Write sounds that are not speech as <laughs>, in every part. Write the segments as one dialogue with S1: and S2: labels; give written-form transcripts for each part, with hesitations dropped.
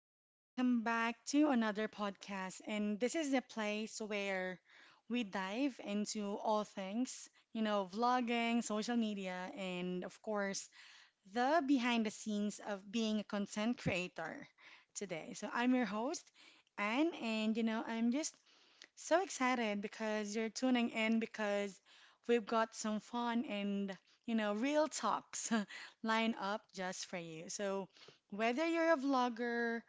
S1: and welcome back to another podcast. And this is the place where we dive into all things, vlogging, social media, and of course, the behind the scenes of being a content creator today. So I'm your host, Anne, and I'm just so excited because you're tuning in because we've got some fun and, real talks <laughs> lined up just for you. So, whether you're a vlogger,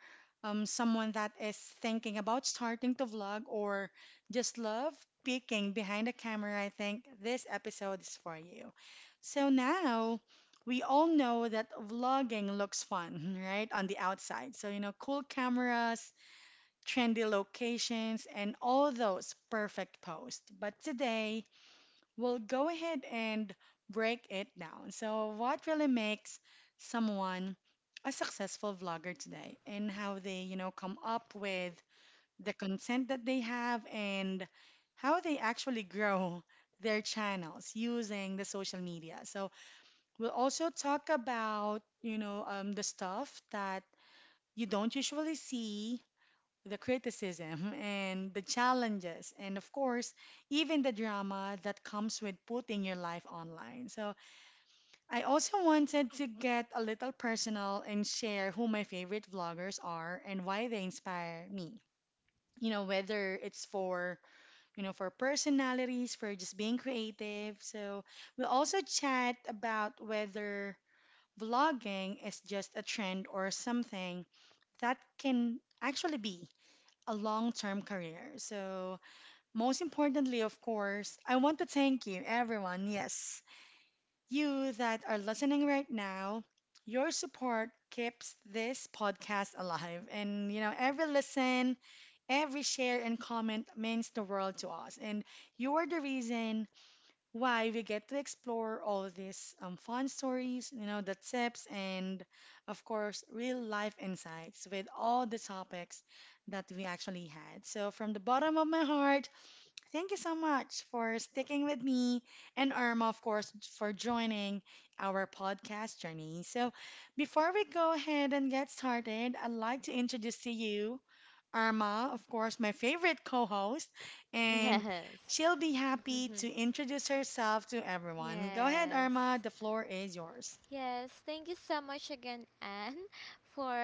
S1: someone that is thinking about starting to vlog, or just love peeking behind the camera, I think this episode is for you. So, now we all know that vlogging looks fun, <laughs> right? On the outside. So, you know, cool cameras trendy locations, and all those perfect posts. But today, we'll go ahead and break it down. So, what really makes someone a successful vlogger today and how they, come up with the content that they have and how they actually grow their channels using the social media. So, we'll also talk about, the stuff that you don't usually see the criticism and the challenges, and of course, even the drama that comes with putting your life online. So, I also wanted to get a little personal and share who my favorite vloggers are and why they inspire me. You know, whether it's for, for personalities, for just being creative. So, we'll also chat about whether vlogging is just a trend or something that can actually be a long term career. So, most importantly, of course, I want to thank you, everyone. Yes, you that are listening right now, your support keeps this podcast alive. And, you know, every listen, every share and comment means the world to us. And you are the reason why we get to explore all these fun stories, the tips, and of course, real life insights with all the topics that we actually had. So, from the bottom of my heart, thank you so much for sticking with me and Irma, of course, for joining our podcast journey. So, before we go ahead and get started, I'd like to introduce to you Irma, of course, my favorite co-host, and
S2: Yes.
S1: she'll be happy to
S2: <laughs>
S1: introduce herself to everyone. Go ahead,
S2: yes.
S1: Irma, the floor is yours.
S2: Yes. Thank you so much again, Anne, <laughs> for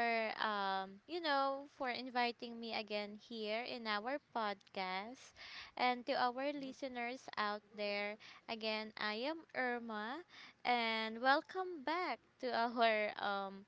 S2: you know, for inviting me again here in our podcast. And to our listeners out there, again, I am Irma and welcome back to <laughs> our um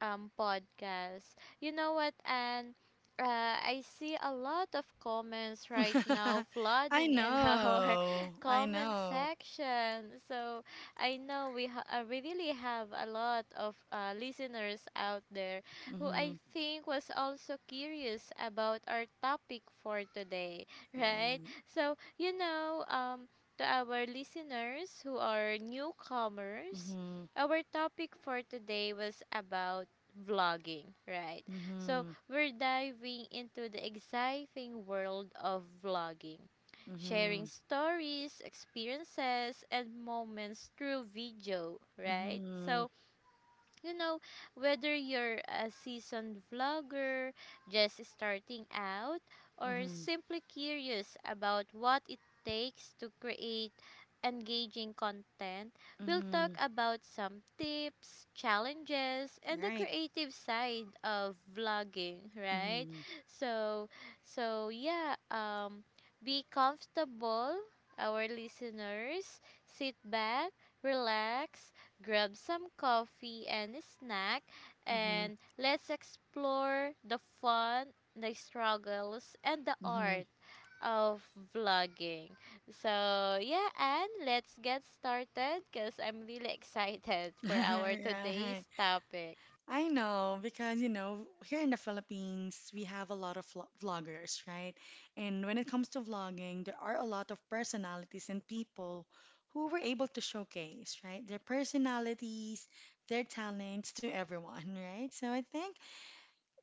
S2: um, podcast. You know what, and I see a lot of comments right now
S1: <laughs> I
S2: flooding in <laughs> our
S1: know, I
S2: comment
S1: know.
S2: section. So I know we really have a lot of listeners out there who
S1: Mm-hmm.
S2: I think was also curious about our topic for today,
S1: Right.
S2: right? So you know, to our listeners who are newcomers,
S1: Mm-hmm.
S2: our topic for today was about vlogging, right? So,
S1: Mm-hmm.
S2: we're diving into the exciting world of vlogging, sharing
S1: Mm-hmm.
S2: stories, experiences, and moments through video, right?
S1: Mm-hmm.
S2: So, you know, whether you're a seasoned vlogger, just starting out, or
S1: Mm-hmm.
S2: simply curious about what it takes to create engaging content, we'll talk
S1: Mm-hmm.
S2: about some tips, challenges, and the
S1: Right.
S2: creative side of vlogging, right?
S1: Mm-hmm.
S2: So, so yeah, be comfortable, our listeners. Sit back, relax, grab some coffee and a snack,
S1: Mm-hmm.
S2: and let's explore the fun, the struggles, and the
S1: Mm-hmm.
S2: art of vlogging. So, yeah, and let's get started because I'm really <laughs> excited for our
S1: <laughs>
S2: today's
S1: Right.
S2: topic.
S1: I know because you know here in the Philippines we have a lot of vloggers, right? And when it comes to vlogging, there are a lot of personalities and people who were able to showcase, right? Their personalities, their talents to everyone, <laughs> right? So I think,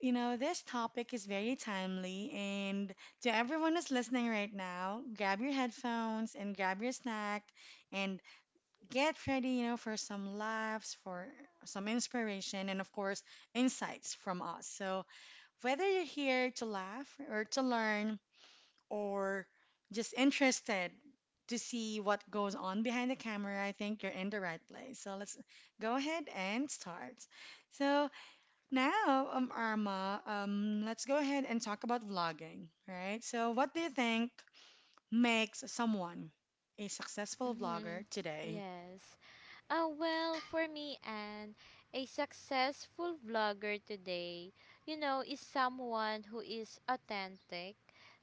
S1: you know, this topic is very timely, and to everyone who's listening right now, grab your headphones and grab your snack and get ready, for some laughs, for some inspiration, and of course, insights from us. So, whether you're here to laugh or to learn or just interested to see what goes on behind the camera, I think you're in the right place. So, let's go ahead and start. So, now, Arma, let's go ahead and talk about vlogging, right? So, what do you think makes someone a successful vlogger
S2: hmm
S1: today?
S2: Yes. Well, for me, and a successful vlogger today, you know, is someone who is authentic,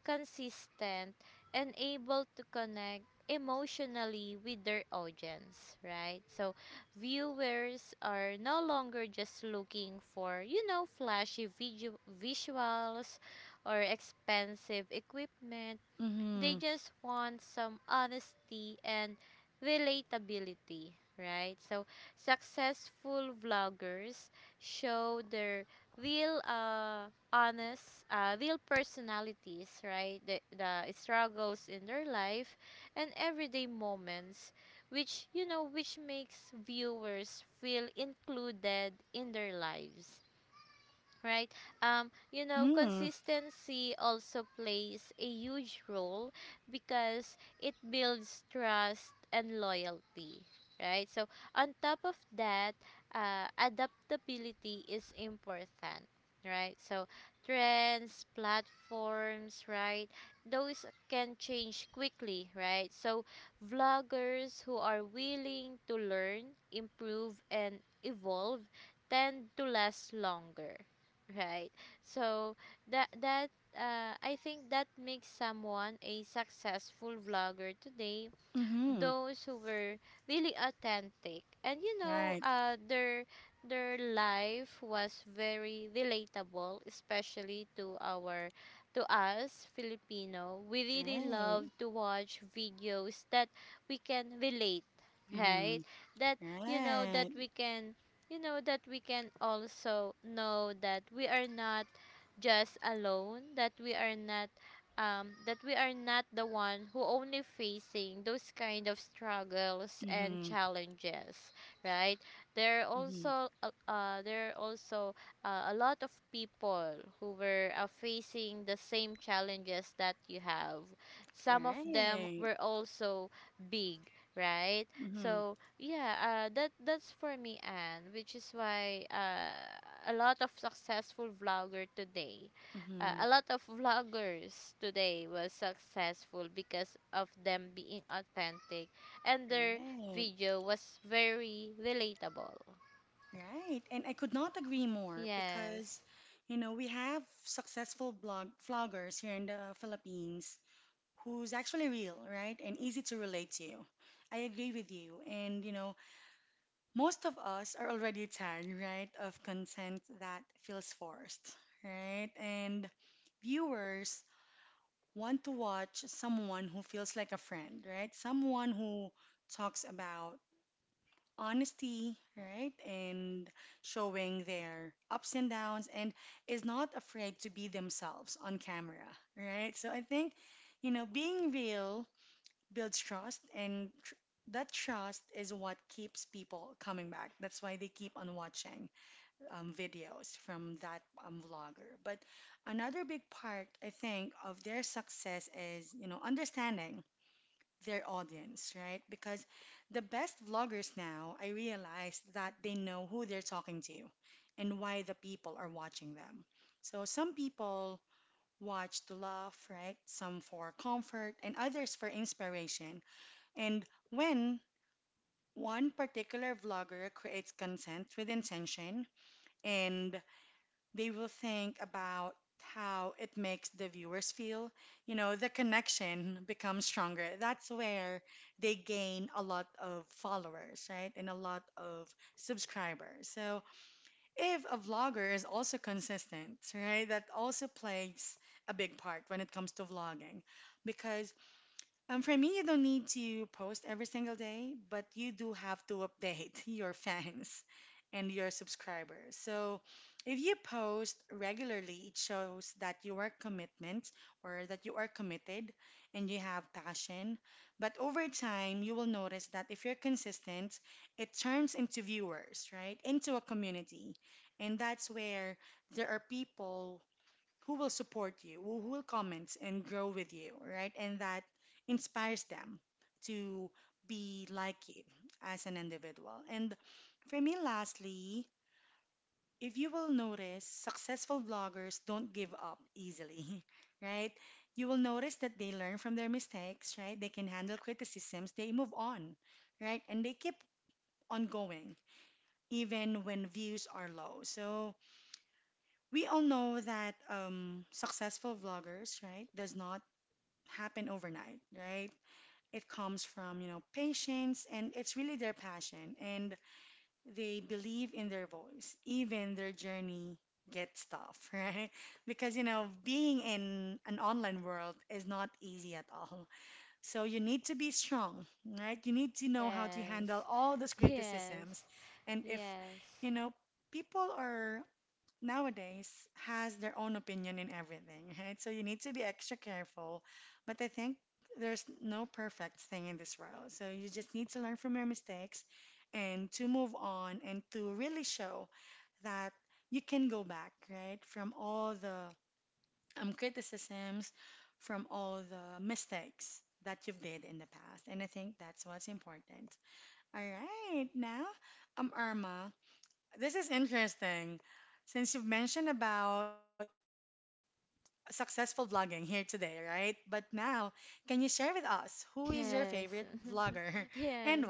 S2: consistent, and able to connect emotionally with their audience, right? So, viewers are no longer just looking for, you know, visuals or expensive equipment. They
S1: Mm-hmm.
S2: just want some honesty and relatability, right? So, successful vloggers show their real personalities, right? The struggles in their life and everyday moments, which, you know, which makes viewers feel included in their lives, right? You know,
S1: Mm-hmm.
S2: consistency also plays a huge role because it builds trust and loyalty, right? So on top of that, adaptability is important, right? So trends, platforms, right, those can change quickly, right? So vloggers who are willing to learn, improve and evolve tend to last longer. Right. So that that I think that makes someone a successful vlogger today,
S1: Mm-hmm.
S2: those who were really authentic, and you know,
S1: Right.
S2: their life was very relatable, especially to our, to us Filipino. We really
S1: Right.
S2: love to watch videos that we can relate, right?
S1: Mm-hmm.
S2: That you know, that
S1: Right.
S2: we can, you know, that we can also know that we are not just alone, that we are not that we are not the one who only facing those kind of struggles and
S1: Mm-hmm.
S2: challenges, right?
S1: Mm-hmm.
S2: There are also a lot of people who were facing the same challenges that you have. Some of them
S1: Right.
S2: were also big, right?
S1: Mm-hmm.
S2: So yeah, that's for me, Anne, which is why a lot of successful vlogger today
S1: Mm-hmm.
S2: a lot of vloggers today was successful because of them being authentic, and their
S1: Right.
S2: video was very relatable.
S1: Right. And I could not agree more because,
S2: yes
S1: we have successful blog vloggers here in the Philippines who's actually real, right? And easy to relate to. I agree with you. And, most of us are already tired, right, of content that feels forced, right? And viewers want to watch someone who feels like a friend, right? Someone who talks about honesty, right? And showing their ups and downs and is not afraid to be themselves on camera, right? So I think, being real builds trust, and that trust is what keeps people coming back. That's why they keep on watching videos from that vlogger. But another big part, I think, of their success is, understanding their audience, right? Because the best vloggers now, I realize that they know who they're talking to and why the people are watching them. So some people watch to laugh, right? Some for comfort, and others for inspiration. And when one particular vlogger creates content with intention and they will think about how it makes the viewers feel, the connection becomes stronger. That's where they gain a lot of followers, right? And a lot of subscribers. So if a vlogger is also consistent, right, that also plays a big part when it comes to vlogging because for me, you don't need to post every single day, but you do have to update <laughs> your fans and your subscribers. So if you post regularly, it shows that you are commitment or that you are committed and you have passion. But over time, you will notice that if you're consistent, it turns into viewers, right? Into a community. And that's where there are people who will support you, who will comment and grow with you, right? And that inspires them to be like you as an individual. And for me, lastly, if you will notice, successful vloggers don't give up easily, <laughs> right? You will notice that they learn from their mistakes, right? They can handle criticisms, they move on, right? And they keep on going even when views are low. So we all know that successful vloggers, right, does not happen overnight, right? It comes from, patience and it's really their passion and they believe in their voice. Even their journey gets tough, <laughs> right? Because, being in an online world is not easy at all. So you need to be strong, right? You need to know how to
S2: yes
S1: handle all those
S2: yes
S1: criticisms. And if,
S2: yes
S1: you know, people are nowadays has their own opinion in everything, <laughs> right? So you need to be extra careful. But I think there's no perfect thing in this world. So you just need to learn from your mistakes and to move on and to really show that you can go back, right? From all the criticisms, from all the mistakes that you've did in the past. And I think that's what's important. All right, now, Irma, this is interesting. Since you've mentioned about successful vlogging here today, right? But now, can you share with us who is your favorite
S2: Yes,
S1: vlogger
S2: <laughs>
S1: <laughs> and why?
S2: yes,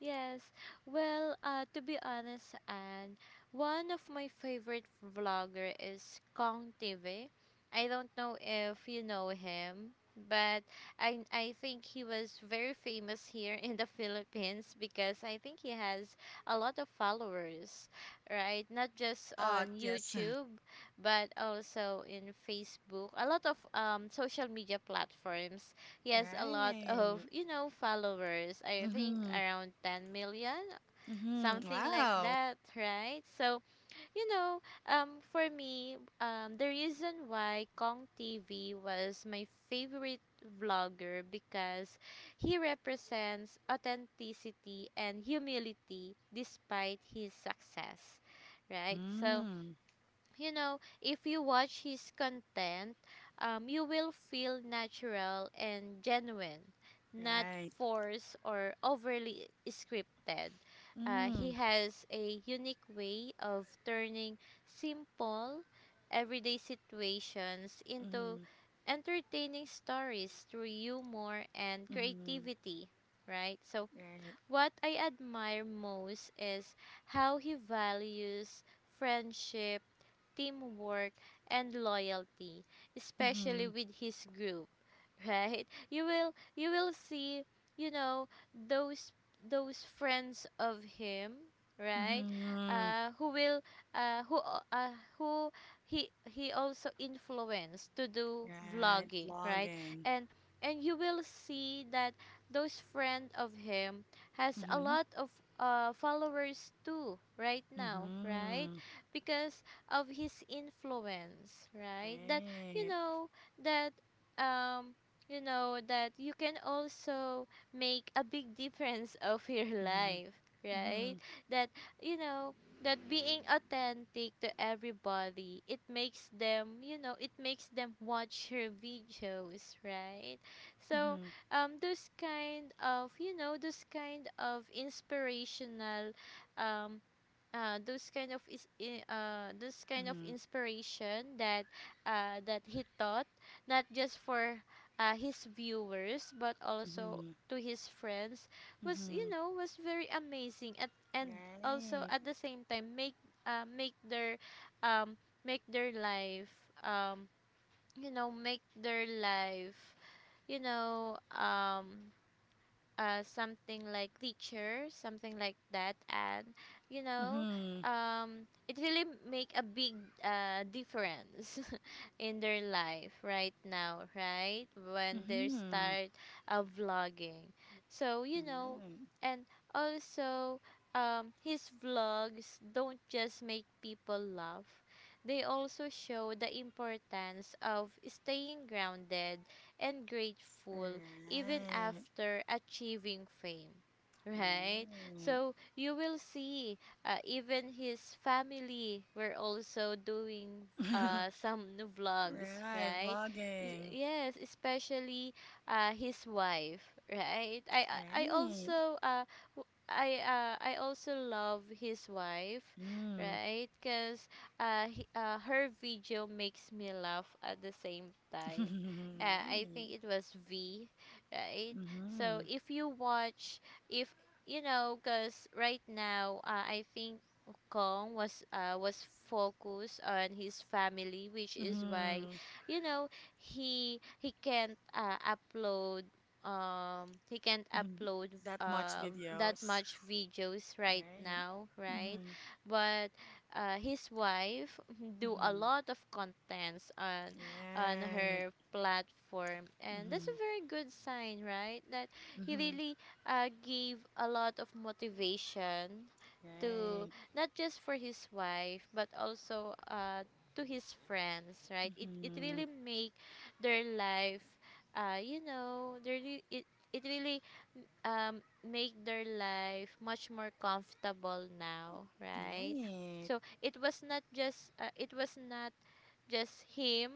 S2: yes. Well, to be honest, and one of my favorite vlogger is Kong TV. I don't know if you know him, but I think he was very famous here in the <laughs> Philippines because I think he has a lot of followers, right? Not
S1: A
S2: just
S1: lot,
S2: on
S1: yes. <laughs>
S2: YouTube, but also in Facebook, a lot of social media platforms. He has a lot of,
S1: Right.
S2: you know, followers. I think
S1: Mm-hmm.
S2: around 10 million,
S1: Mm-hmm.
S2: something like
S1: Wow.
S2: that, right? So you know, for me, the reason why Kong TV was my favorite vlogger because he represents authenticity and humility despite his success, right? So
S1: Mm.
S2: you know, if you watch his content, you will feel natural and genuine, not
S1: Right.
S2: forced or overly scripted. He
S1: Mm.
S2: has a unique way of turning simple, everyday situations into
S1: Mm-hmm.
S2: entertaining stories through humor and
S1: Mm-hmm.
S2: creativity, right? So,
S1: Right.
S2: what I admire most is how he values friendship, teamwork, and loyalty, especially
S1: Mm-hmm.
S2: with his group, <laughs> right? You will see, you know, those friends of him, right?
S1: Mm-hmm.
S2: Who will who al- who he also influenced to do
S1: Right.
S2: vlogging, right?
S1: Vlogging.
S2: And and you will see that those friend of him has a
S1: Mm-hmm.
S2: lot of followers too right now, right?
S1: Mm-hmm.
S2: Because of his influence, right? That you
S1: Right.
S2: know, that um you know, that you can also make a big difference <laughs> of your
S1: Mm-hmm.
S2: life, right?
S1: Mm-hmm.
S2: That you know, that being authentic to everybody, it makes them, you know, it makes them watch your videos, right? So,
S1: Mm-hmm.
S2: you know, those kind of inspirational um those kind of is I- those kind of
S1: Mm-hmm.
S2: inspiration that that he taught not just for his viewers but also
S1: Mm-hmm.
S2: to his friends was, you
S1: Mm-hmm.
S2: know, was very amazing at, and also
S1: Right.
S2: at the same time make uh, make their um, make their life um, you know, you know um, something like teacher, something like that, and you know,
S1: Mhm.
S2: it really make a big difference <laughs> in their life right now, right? When they
S1: Mhm.
S2: start vlogging. So you know,
S1: Right.
S2: and also his vlogs don't just make people laugh. They also show the importance of staying grounded and grateful even
S1: Right.
S2: after achieving fame, right?
S1: Right.
S2: So you will see even his family were also doing
S1: <laughs>
S2: some new vlogs,
S1: Right.
S2: right?
S1: Vlogging.
S2: Yes, especially his wife, right? I
S1: Right.
S2: also I also love his wife,
S1: Mm.
S2: right? Because her video makes me laugh at the same
S1: <laughs>
S2: time. I
S1: Right.
S2: think it was V, right? So
S1: Mhm.
S2: if you watch, if you know, because right now I think Kong was, was focused on his family, which is why,
S1: Mhm.
S2: you know, he he can't uh, upload he can't
S1: Mhm.
S2: upload
S1: That much
S2: uh that
S1: videos.
S2: much videos right
S1: Right.
S2: now, right?
S1: Mhm.
S2: But his wife <laughs> do a
S1: Mhm.
S2: lot of contents on
S1: Right.
S2: her platform. And that's
S1: Mhm.
S2: a very good sign, right? That he
S1: Mhm.
S2: really gave a lot of motivation to,
S1: Right.
S2: not just for his wife but also to his friends, right? It
S1: Mhm.
S2: really make their life, you know, it really make their life much more comfortable now, right?
S1: Right.
S2: So it was not just, it was not just him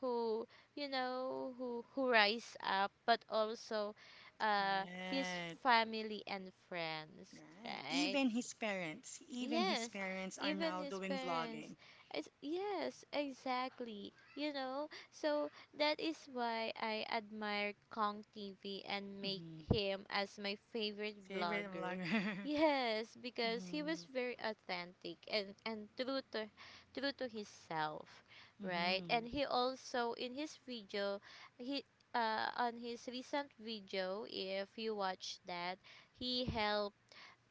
S2: who, you know, who rise up, but also his
S1: Right.
S2: family and friends,
S1: Right.
S2: right?
S1: Even his
S2: Yes,
S1: parents are
S2: even
S1: now
S2: his
S1: doing vlogging.
S2: parents. It's, yes, exactly. You know, so that is why I admire Kong TV and make
S1: Hmm.
S2: him as my favorite
S1: Favorite
S2: vlogger.
S1: vlogger. <laughs>
S2: Yes, because he was
S1: Hmm.
S2: very authentic and true to, true to himself, right?
S1: Hmm.
S2: And he also in his video, he on his recent video, if you watch that, he helped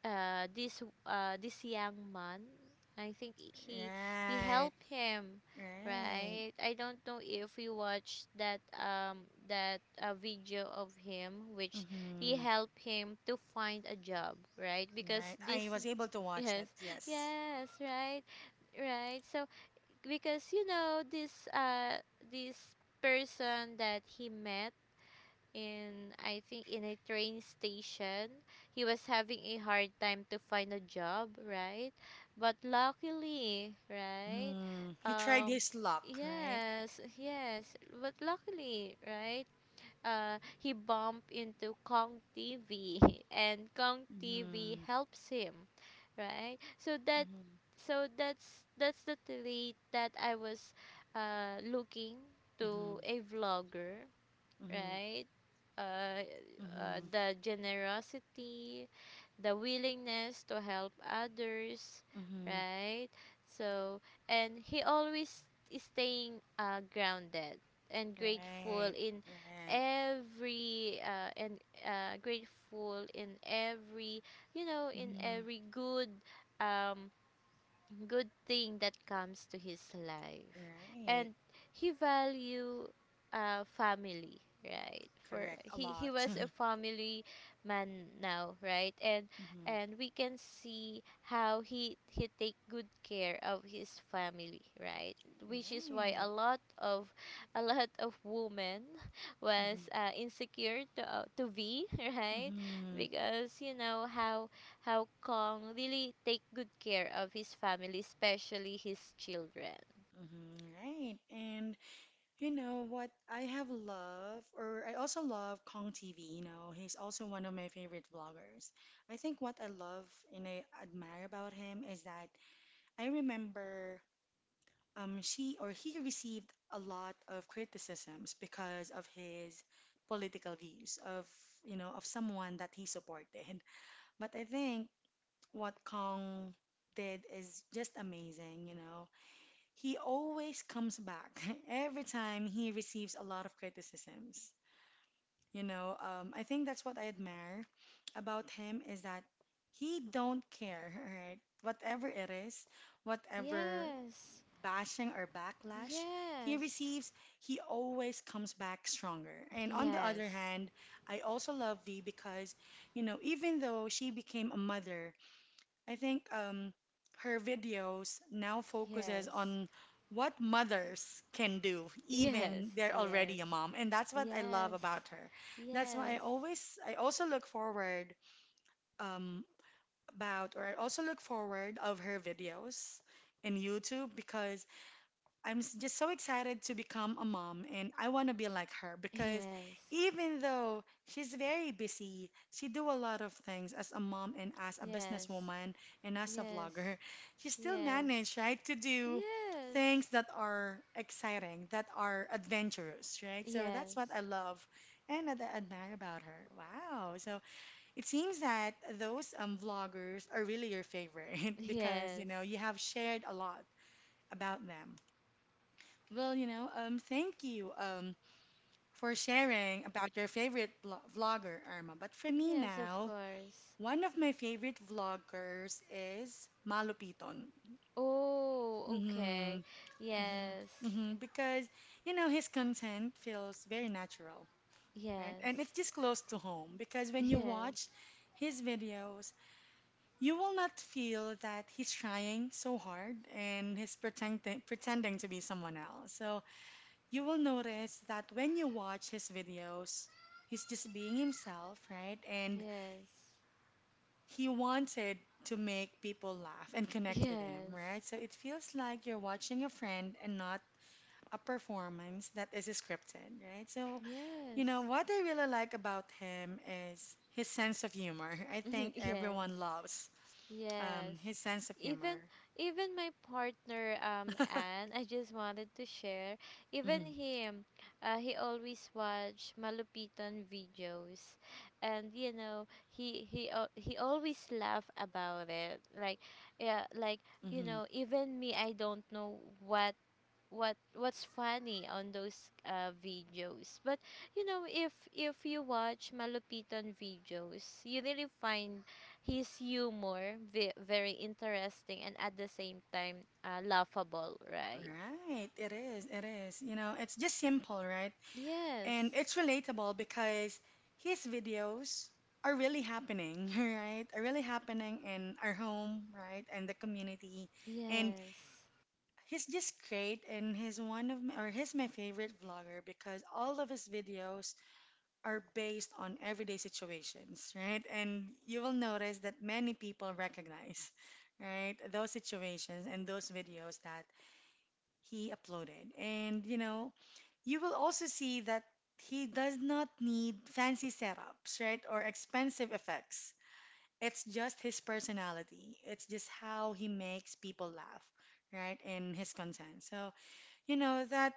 S2: this young man. I think he
S1: Right.
S2: helped him,
S1: Right.
S2: right? I don't know if you watched that video of him, which he
S1: Hmm.
S2: helped him to find a job, right? Because
S1: Right. I
S2: this,
S1: was able to watch
S2: yes,
S1: it.
S2: <laughs>
S1: Yes.
S2: yes, right, right. So because you know, this this person that he met in, I think in a train station. He was having a hard time to find a job, right? But luckily, right?
S1: Hmm. He tried
S2: Um
S1: his luck, right?
S2: yes, but luckily, right? He bumped into Kong TV <laughs> and Kong TV
S1: Hmm.
S2: helps him, right? So that,
S1: Hmm.
S2: so that's the trait that I was looking to
S1: Hmm.
S2: a vlogger,
S1: Hmm.
S2: right? Uh, the generosity, the willingness to help others,
S1: Hmm. Hmm.
S2: right? So, and he always is staying grounded and grateful
S1: Right.
S2: in
S1: Right.
S2: every and grateful in every, you know, in
S1: Hmm.
S2: every good um good thing that comes to his life,
S1: Right.
S2: and he value family, right? For
S1: Correct. A
S2: he
S1: lot.
S2: was a
S1: <laughs>
S2: family man now, right? and
S1: Hmm.
S2: and we can see how he take good care of his family, right? Which is why a
S1: Right.
S2: lot of, a lot of women <laughs> was
S1: Mm-hmm.
S2: insecure to be <laughs> right?
S1: Mm-hmm.
S2: Because you know how Kong really take good care of his family, especially his children.
S1: Mm-hmm. Right. And you know what? I have love, or I also love Kong TV. You know, he's also one of my favorite vloggers. I think what I love and I admire about him is that I remember she or he received a lot of criticisms because of his political views of, of someone that he supported. But I think what Kong did is just amazing, you know. He always comes back <laughs> every time he receives a lot of criticisms. You know, I think that's what I admire about him is that he don't care, <laughs> right? Whatever it is, whatever
S2: Yes.
S1: bashing or backlash he
S2: Yes.
S1: receives, he always comes back stronger. And on the other
S2: Yes.
S1: hand, I also love V because, even though she became a mother I think her videos now focuses
S2: Yes.
S1: on what mothers can do,
S2: Yes.
S1: even they're
S2: Yes.
S1: already a mom, and that's what I love
S2: Yes.
S1: about her. That's why I
S2: Yes.
S1: always, I also look forward um, about, or I also look forward of her videos in YouTube because just so excited to become a mom and I want to be like her because
S2: Yes.
S1: even though she's very busy, she do a lot of things as a mom and as a
S2: Yes.
S1: businesswoman and as a
S2: Yes.
S1: vlogger. She still
S2: Yes. Yes.
S1: managed, right, to do things that are exciting, that are adventurous, right? So that's
S2: Yes.
S1: what I love and admire about her. Wow. So it seems that those vloggers are really your favorite <laughs> because,
S2: Yes.
S1: you have shared a lot about them. Well, thank you for sharing about your favorite vlogger, Irma. But for me
S2: Yes, of
S1: now,
S2: course.
S1: one of my favorite vloggers is Malo Piton.
S2: Oh,
S1: Mm-hmm,
S2: okay.
S1: hmm
S2: Yes.
S1: hmm, because, you know, his content feels very natural, right?
S2: Yes.
S1: And it's just close to home because when you
S2: Yes.
S1: watch his videos, you will not feel that he's trying so hard and he's pretending to be someone else. So, you will notice that when you watch his videos, he's just being himself, right? And
S2: Yes.
S1: he wanted to make people laugh and connect with him,
S2: Yes.
S1: right? So it feels like you're watching a friend and not a performance that is scripted, right? So, you know,
S2: Yes.
S1: what I really like about him is his sense of humor. I
S2: <laughs>
S1: think
S2: yes.
S1: everyone loves
S2: Yes.
S1: his sense of
S2: Even,
S1: humor.
S2: even my partner
S1: <laughs>
S2: Anne, I just wanted to share. Even
S1: hmm
S2: him, he always watch Malupitan videos, and you know, he always laugh about it. Like yeah, like you
S1: hmm
S2: know, even me, I don't know what what's funny on those videos, but you know, if you watch Malupitan videos, you really find his humor very interesting, and at the same time laughable, right?
S1: Right, it is, it is. You know, it's just simple, right? And
S2: yes
S1: it's relatable because his videos are really happening, <laughs> right? Are really happening in our home, right? And the community. And
S2: yes
S1: he's just great and he's one of my, or he's my favorite vlogger because all of his videos are based on everyday situations, right? And you will notice that many people recognize, right? Those situations and those videos that he uploaded. And you know, you will also see that he does not need fancy setups, right, or expensive effects. It's just his personality. It's just how he makes people laugh, right, and his content. So, you know, that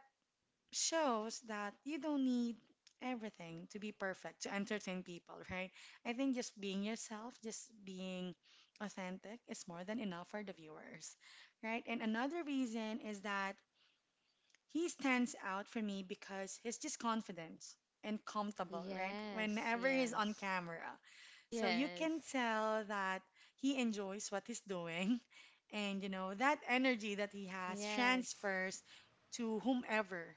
S1: shows that you don't need everything to be perfect to entertain people, right? I think just being yourself, just being authentic is more than enough for the viewers, right? And another reason is that he stands out for me because he's just confident and comfortable, right?
S2: yes
S1: Whenever he's on
S2: yes
S1: camera. So you can
S2: yes
S1: tell that he enjoys what he's doing. <laughs> And, you know, that energy that he has
S2: yes
S1: transfers to whomever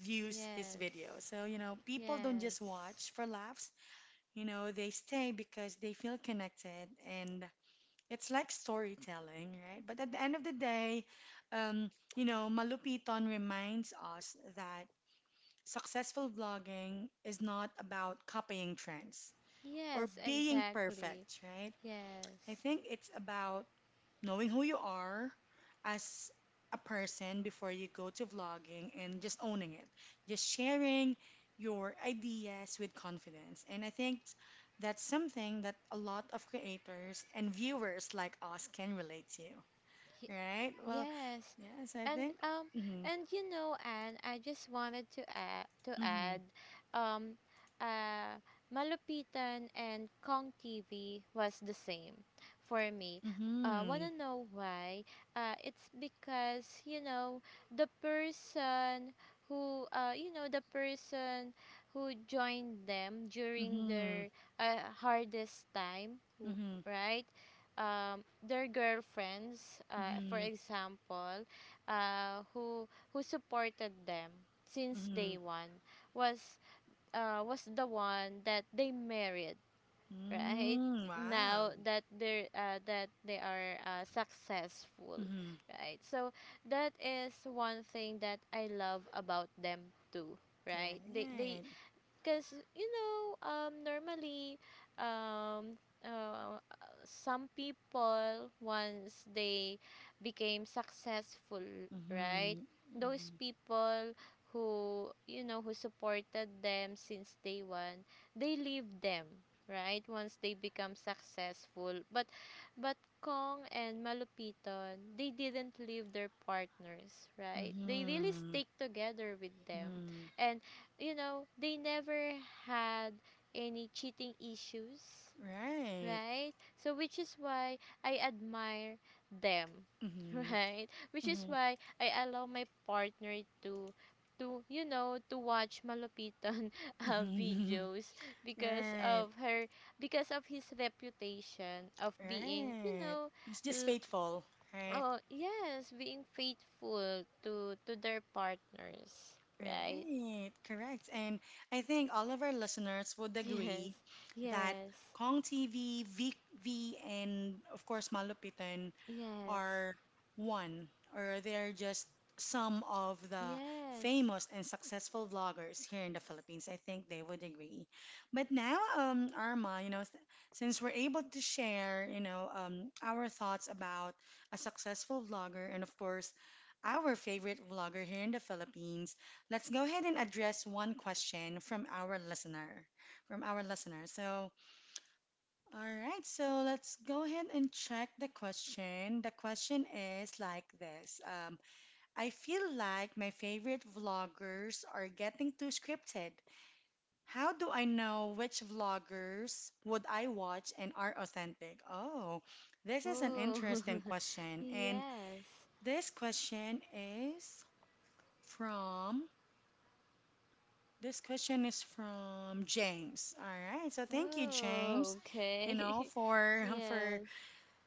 S1: views his video.
S2: yes
S1: So, you know, people don't just
S2: yes
S1: watch for laughs, you know, they stay because they feel connected and it's like storytelling, right? But at the end of the day, you know, Malupiton reminds us that successful vlogging is not about copying trends or
S2: yes
S1: being
S2: exactly
S1: perfect, right? I
S2: yes
S1: think it's about knowing who you are as a person before you go to vlogging and just owning it, just sharing your ideas with confidence. And I think that's something that a lot of creators and viewers like us can relate to, right? Well,
S2: Yes.
S1: yes, I
S2: And
S1: think. Mm-hmm,
S2: you know Anne, I just wanted to
S1: mm-hmm,
S2: add um uh Malupitan and Kong TV was the same for me.
S1: mm-hmm,
S2: Wanna know why? It's because, the person who the person who joined them during
S1: mm-hmm,
S2: their hardest time,
S1: mm-hmm,
S2: right? Their girlfriends,
S1: mm-hmm,
S2: for
S1: mm-hmm.
S2: example, who supported them since day one was was the one that they married, right?
S1: Mm, wow.
S2: Now that they are successful,
S1: Mm-hmm.
S2: right? So that is one thing that I love about them too, right? They
S1: Right.
S2: because normally um uh, some people, once they became successful, right,
S1: Mm-hmm.
S2: those people who you know who supported them since day one, they leave them, right, once they become successful. But Kong and Malupiton, they didn't leave their partners, right? They really
S1: Mm-hmm.
S2: stick together with them.
S1: Mm-hmm.
S2: And they never had any cheating issues,
S1: Right.
S2: right? So, which is why I admire them, <laughs>
S1: Mm-hmm.
S2: right? Which is
S1: Mm-hmm.
S2: why I allow my partner to to you know to watch malupitan <laughs>
S1: Mm-hmm.
S2: videos
S1: <laughs>
S2: because
S1: Right.
S2: of her, because of his reputation of being
S1: Right. It's just
S2: l-
S1: faithful, right?
S2: oh yes, being faithful to their partners, right?
S1: Right. Correct. And I think all of our listeners would
S2: Yes,
S1: agree that
S2: yes,
S1: Kong TV, VV, and of course Malupitan
S2: yes,
S1: are one or they're just some of the
S2: yes.
S1: famous and successful vloggers here in the Philippines. I think they would agree. But now, Arma, you know, since we're able to share, you know, our thoughts about a successful vlogger and, of course, our favorite vlogger here in the Philippines, let's go ahead and address one question from our listener, from our listener. So, all right, so let's go ahead and check the question. The question is like this: um, I feel like my favorite vloggers are getting too scripted. How do I know which vloggers would I watch and are authentic? Oh, this is an
S2: Oh,
S1: interesting
S2: <laughs>
S1: question. And
S2: yes.
S1: this question is from this question is from James. All right. So thank you,
S2: Oh,
S1: James, you know,
S2: okay. <laughs>
S1: for <laughs>
S2: yes,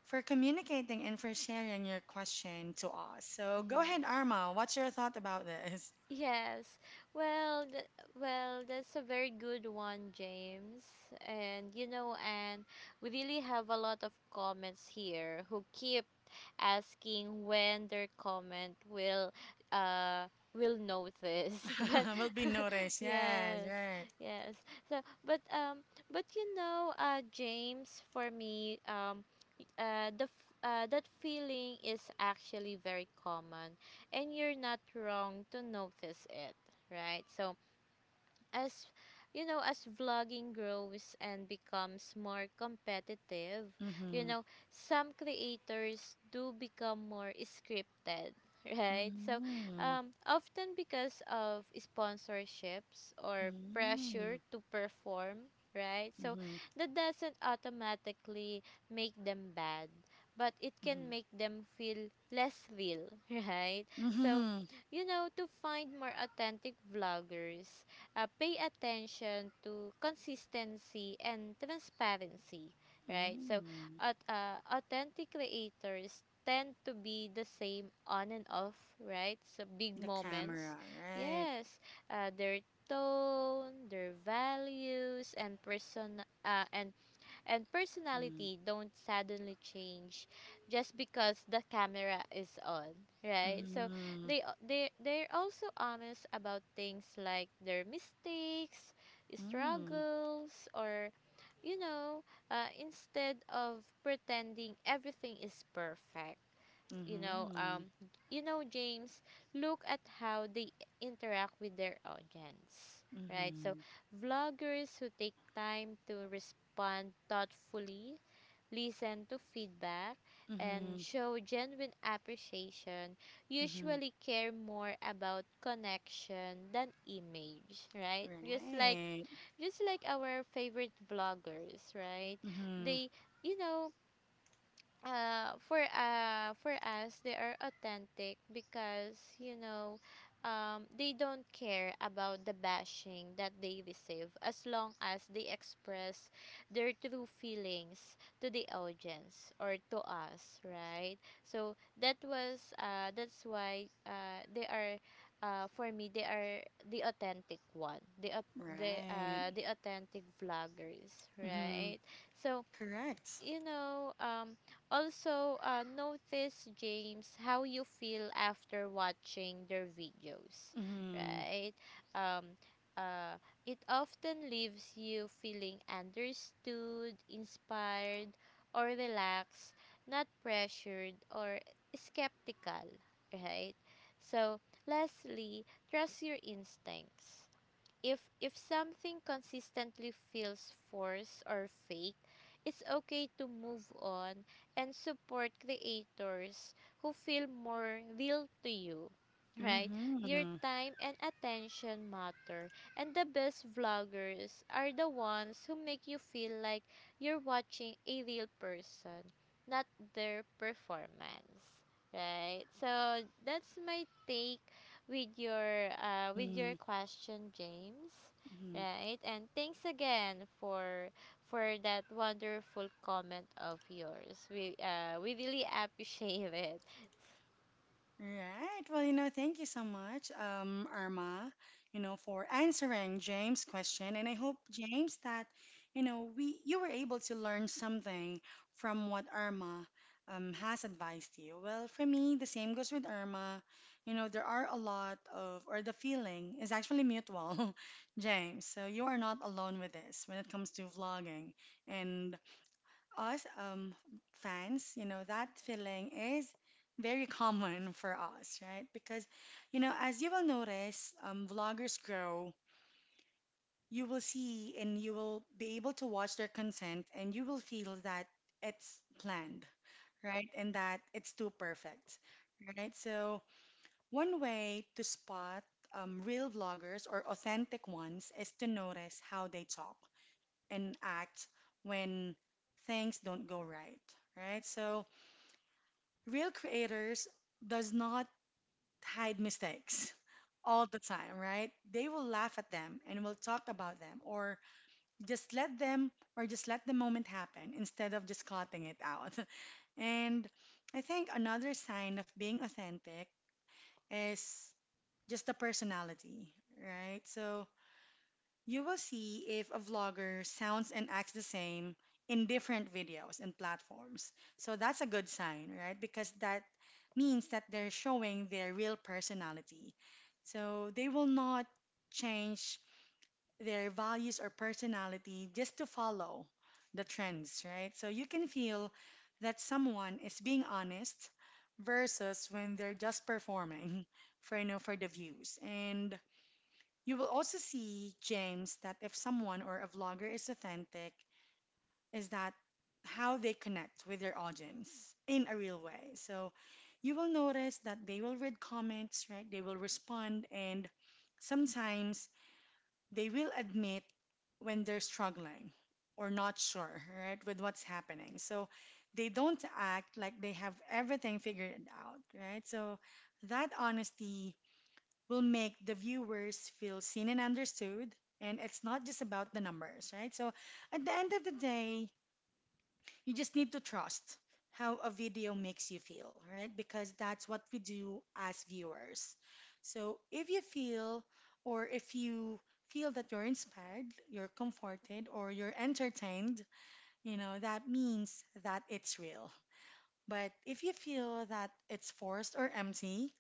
S1: for communicating and for sharing your question to us. So go ahead,
S2: yes.
S1: Arma. What's your thought about this?
S2: Yes. Well, well, that's a very good one, James. And you know, and we really have a lot of comments here who keep asking when their comment uh will notice. <laughs> but
S1: <laughs> Will be
S2: <laughs>
S1: noticed. Yes,
S2: yes,
S1: right.
S2: yes. So, but you know, James, for me, that feeling is actually very common, and you're not wrong to notice it, right? So, as you know, as vlogging grows and becomes more competitive, you
S1: Mm-hmm.
S2: know, some creators do become more scripted, <laughs> right? So
S1: Mm-hmm.
S2: often because of sponsorships or pressure to perform, right? So
S1: Mm-hmm.
S2: that doesn't automatically make them bad, but it can
S1: Mm-hmm.
S2: make them feel less real, <laughs> right? So
S1: Mm-hmm.
S2: you know, to find more authentic vloggers, pay attention to consistency and transparency, right? So,
S1: Mm-hmm.
S2: authentic creators tend to be the same on and off, right? So, big
S1: The
S2: moments.
S1: camera, right?
S2: Yes, their tone, their values, and
S1: Mm-hmm.
S2: personality don't suddenly change just because the camera is on, right? So
S1: Mm-hmm.
S2: they're also honest about things like their mistakes,
S1: Mm-hmm.
S2: struggles, or you know, instead of pretending everything is perfect. you know um you know James, look at how they interact with their audience, right? So
S1: Hmm.
S2: vloggers who take time to respond thoughtfully, listen to feedback, and
S1: Hmm.
S2: show genuine appreciation
S1: Hmm.
S2: usually care more about connection than image, right? Just like
S1: Right.
S2: our favorite vloggers, right?
S1: Hmm.
S2: They you know, for us they are authentic because you know they don't care about the bashing that they receive as long as they express their true feelings to the audience or to us, right? So that's why they are, for me they are the authentic one the au-
S1: Right.
S2: the authentic vloggers,
S1: Hmm.
S2: right? So
S1: Correct.
S2: you know, also notice, James, how you feel after watching their videos,
S1: Hmm.
S2: right? Um, uh, it often leaves you feeling understood, inspired, or relaxed, not pressured or skeptical, right? So, lastly, trust your instincts. If something consistently feels forced or fake, it's okay to move on and support creators who feel more real to you. Right? Your
S1: Mm-hmm.
S2: time and attention matter, and the best vloggers are the ones who make you feel like you're watching a real person, not their performance. Right? So that's my take with
S1: Mm-hmm.
S2: your question, James.
S1: Mm-hmm.
S2: Right? And thanks again for that wonderful comment of yours. We really appreciate it.
S1: Right. Well, you know, thank you so much, Irma, you know, for answering James' question. And I hope, James, that, you know, we you were able to learn something from what Irma has advised you. Well, for me, the same goes with Irma. You know, there are a lot of, or the feeling is actually mutual, <laughs> James. So you are not alone with this when it comes to vlogging and us fans, you know, that feeling is very common for us, right? Because, you know, as you will notice, vloggers grow, you will see and you will be able to watch their content and you will feel that it's planned, right? And that it's too perfect, right? So, one way to spot real vloggers or authentic ones is to notice how they talk and act when things don't go right, right? So, real creators does not hide mistakes all the time, right? They will laugh at them and will talk about them or just let them or just let the moment happen instead of just cutting it out. <laughs> And I think another sign of being authentic is just the personality, right? So you will see if a vlogger sounds and acts the same in different videos and platforms. So that's a good sign, right? Because that means that they're showing their real personality. So they will not change their values or personality just to follow the trends, right? So you can feel that someone is being honest versus when they're just performing <laughs> for you know for the views. And you will also see, James, that if someone or a vlogger is authentic, is that how they connect with their audience in a real way. So you will notice that they will read comments, right? They will respond, and sometimes they will admit when they're struggling or not sure, right, with what's happening. So they don't act like they have everything figured out, right? So that honesty will make the viewers feel seen and understood. And it's not just about the numbers, right? So at the end of the day, you just need to trust how a video makes you feel, right? Because that's what we do as viewers. So if you feel or if you feel that you're inspired, you're comforted, or you're entertained, you know, that means that it's real. But if you feel that it's forced or empty,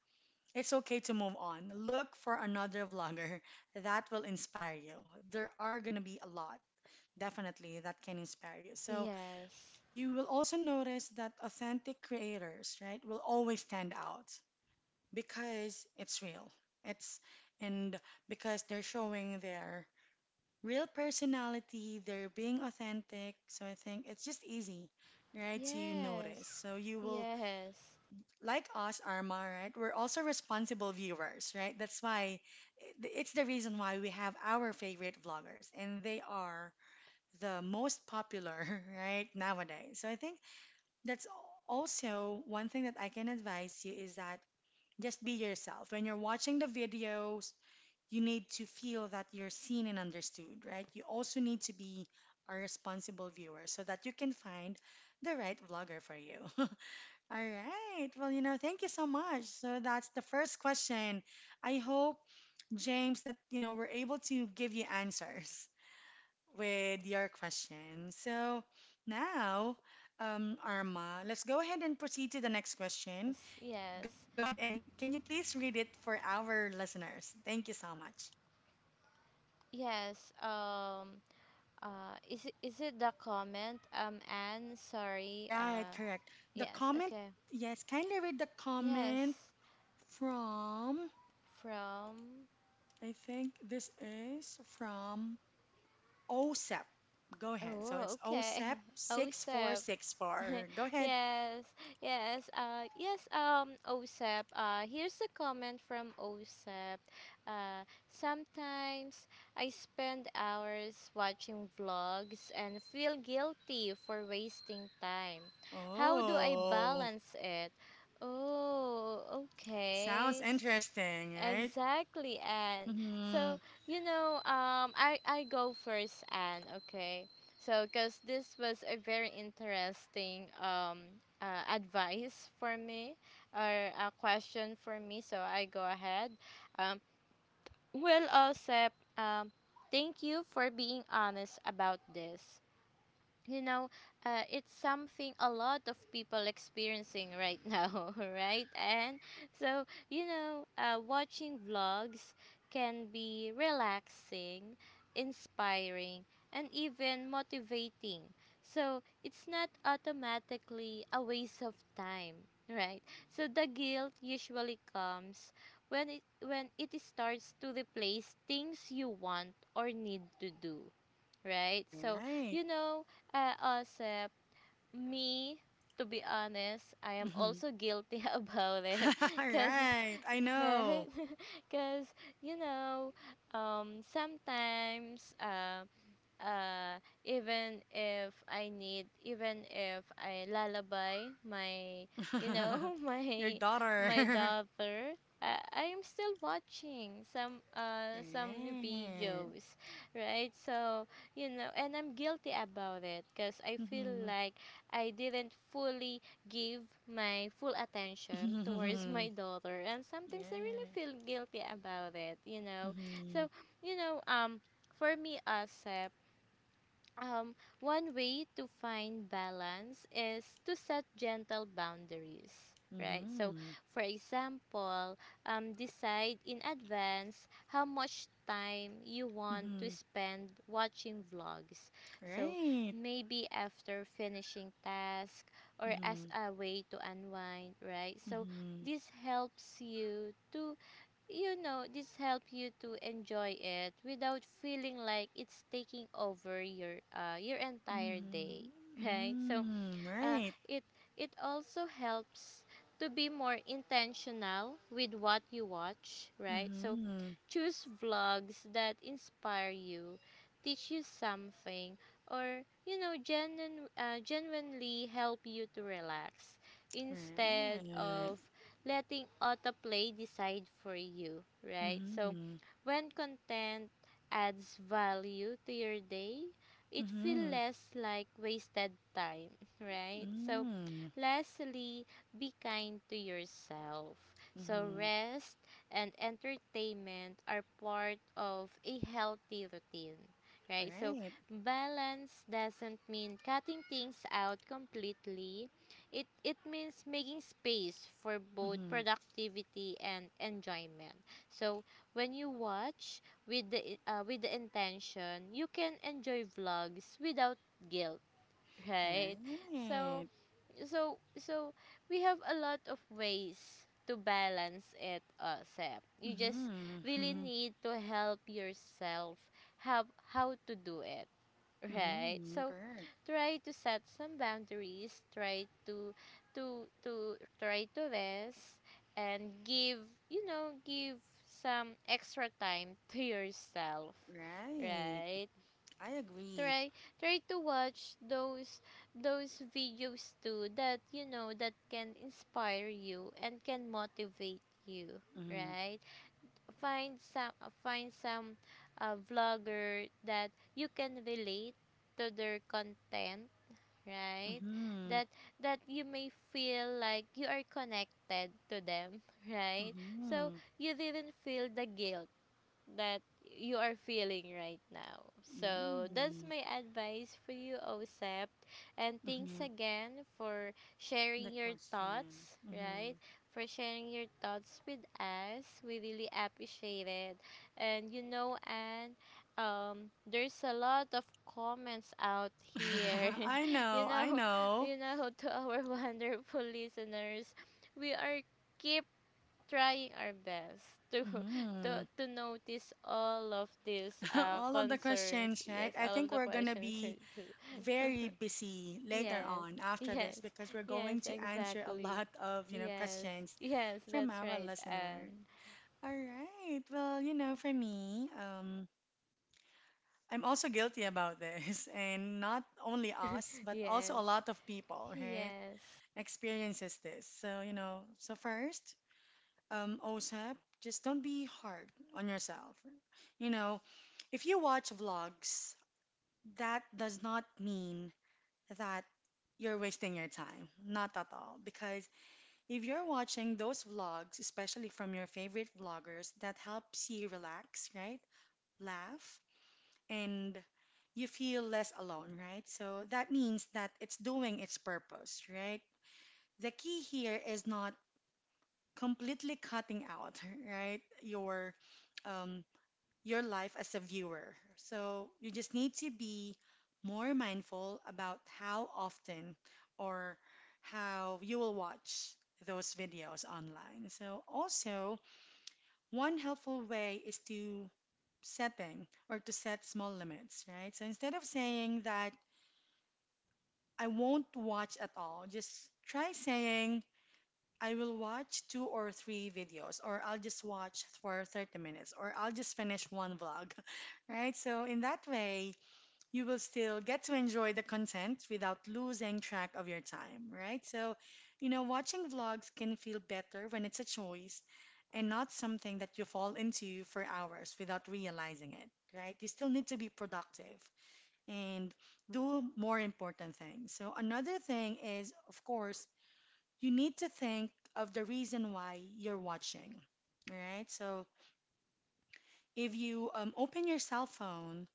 S1: it's okay to move on. Look for another vlogger that will inspire you. There are going to be a lot, definitely, that can inspire you. So
S2: Yes.
S1: you will also notice that authentic creators, right, will always stand out because it's real. It's and because they're showing their real personality, they're being authentic. So I think it's just easy, right, to notice.
S2: Yes.
S1: So you will
S2: Yes.
S1: like us, Arma, right? We're also responsible viewers, right? That's why it's the reason why we have our favorite vloggers, and they are the most popular, <laughs> right, nowadays. So I think that's also one thing that I can advise you is that just be yourself. When you're watching the videos, you need to feel that you're seen and understood, right? You also need to be a responsible viewer so that you can find the right vlogger for you. <laughs> All right. Well, you know, thank you so much. So that's the first question. I hope, James, that, you know, we're able to give you answers with your question. So now, Arma, let's go ahead and proceed to the next question.
S2: Yes.
S1: Go
S2: Yes.
S1: ahead and can you please read it for our listeners? Thank you so much.
S2: Yes. Is it the comment Anne, sorry?
S1: Right, correct. The
S2: Yes,
S1: comment,
S2: okay.
S1: yes, kindly read the
S2: Yes,
S1: comment from,
S2: from,
S1: I think this is from OSEP. Go ahead. So
S2: oh
S1: it's
S2: okay,
S1: OSEP
S2: <laughs> OSEP, <laughs>
S1: 6464. Go ahead.
S2: yes, yes, yes, OSEP. Here's a comment from OSEP. Uh, sometimes I spend hours watching vlogs and feel guilty for wasting time. How do I
S1: Oh,
S2: balance it? Oh,
S1: sounds
S2: okay.
S1: interesting, right?
S2: Exactly, Anne. So,
S1: Mm-hmm.
S2: you know, um, I go first, Anne, okay? So, because this was a very interesting advice for me, or a question for me, so I go ahead. Um, well, Osep, um, thank you for being honest about this, you know, it's something a lot of people experiencing right <laughs> now, right? And so, you know, watching vlogs can be relaxing, inspiring, and even motivating. So, it's not automatically a waste of time, right? So, the guilt usually comes when it starts to replace things you want or need to do, right? So,
S1: Right.
S2: you know, also, me, to be honest, I am
S1: Mm-hmm.
S2: also guilty <laughs> about it
S1: <laughs>
S2: because,
S1: Right.
S2: <laughs>
S1: I know.
S2: right? Because, you know, sometimes, even if I need, even if I lullaby my, you
S1: <laughs>
S2: know, <laughs>
S1: Your
S2: my
S1: daughter. <laughs>
S2: daughter, I'm still watching some
S1: Right.
S2: videos, right? So you know, and I'm guilty about it because I feel
S1: Mm-hmm.
S2: like I didn't fully give my full attention towards my
S1: <laughs>
S2: daughter, and sometimes I really
S1: Yeah.
S2: feel guilty about it, you know.
S1: Mm-hmm.
S2: So you know, for me, Asep, one way to find balance is to set gentle boundaries, right? So,
S1: Mm-hmm.
S2: for example, decide in advance how much time you want to
S1: Mm-hmm.
S2: spend watching vlogs. So,
S1: Right.
S2: maybe after finishing task or as
S1: Mm-hmm.
S2: a way to unwind, right? So,
S1: Mm-hmm.
S2: this helps you to, this help you to enjoy it without feeling like it's taking over your entire day, <laughs>
S1: Mm-hmm.
S2: right? So
S1: Mm,
S2: uh,
S1: right.
S2: it it also helps to be more intentional with what you watch, right? So
S1: Mhm.
S2: choose vlogs that inspire you, teach you something, or you know, genuinely help you to relax instead
S1: Right.
S2: of letting autoplay decide for you, right? So
S1: Mhm.
S2: when content adds value to your day, it feels
S1: Mhm.
S2: less like wasted time, right? So,
S1: Mm.
S2: lastly, be kind to yourself. So,
S1: Mhm.
S2: rest and entertainment are part of a healthy routine, right? So,
S1: Right.
S2: balance doesn't mean cutting things out completely. It means making space for both
S1: Mhm.
S2: productivity and enjoyment. So, when you watch with with the intention, you can enjoy vlogs without guilt, right? so
S1: Right.
S2: so so we have a lot of ways to balance it, Sep. You just
S1: Mhm.
S2: really
S1: Mhm.
S2: need to help yourself how to do it, right?
S1: Mhm.
S2: So
S1: Correct.
S2: try to set some boundaries, try to try to rest and give, you know give some extra time to yourself,
S1: Right.
S2: right?
S1: I agree.
S2: try Try to watch those videos too that, you know, that can inspire you and can motivate you,
S1: Mhm.
S2: right? Find some vlogger that you can relate to their content, right?
S1: Mhm.
S2: That that you may feel like you are connected to them, <laughs> right? So
S1: Mhm.
S2: you didn't feel the guilt that you are feeling right now. So that's
S1: Mm.
S2: my advice for you, OSEP. And thanks
S1: Mhm.
S2: again for
S1: The
S2: sharing your
S1: question.
S2: thoughts, right?
S1: Mhm.
S2: For sharing your thoughts with us. We really appreciate it. And you know, and there's a lot of comments out here.
S1: <laughs> I
S2: <laughs> you
S1: know. I
S2: know,
S1: know.
S2: to our <laughs> wonderful listeners, we are keep trying our best to <laughs>
S1: Mhm.
S2: to notice all of these
S1: <laughs> All of the
S2: concerns.
S1: questions, right?
S2: Yes,
S1: I
S2: all of
S1: think
S2: the
S1: we're gonna
S2: questions. <laughs>
S1: be
S2: <laughs>
S1: very busy later
S2: Yes,
S1: on after
S2: yes,
S1: this because we're
S2: yes,
S1: going to answer a
S2: exactly.
S1: lot of, you know,
S2: Yes,
S1: questions
S2: yes,
S1: from
S2: that's
S1: our
S2: right, and
S1: listener. All right. Well, you know, for me, I'm also guilty about this, <laughs> and not only us,
S2: <laughs>
S1: but also a
S2: yes,
S1: lot of people, right?
S2: yes,
S1: Experiences this. So, you know, so first, OSAP, just don't be hard on yourself. You know, if you watch vlogs, that does not mean that you're wasting your time. Not at all. Because if you're watching those vlogs, especially from your favorite vloggers, that helps you relax, right? Laugh, and you feel less alone, right? So that means that it's doing its purpose, right? The key here is not completely cutting out, <laughs> right? Um, your life as a viewer. So you just need to be more mindful about how often or how you will watch those videos online. So also, one helpful way is to setting or to set small limits, right? So instead of saying that I won't watch at all, just try saying I will watch two or three videos, or I'll just watch for 30 minutes, or I'll just finish one vlog, <laughs> right? So, in that way, you will still get to enjoy the content without losing track of your time, right? So, watching vlogs can feel better when it's a choice and not something that you fall into for hours without realizing it, right? You still need to be productive and do more important things. So, another thing is, of course, you need to think of the reason why you're watching, all right? So, if you open your cell phone,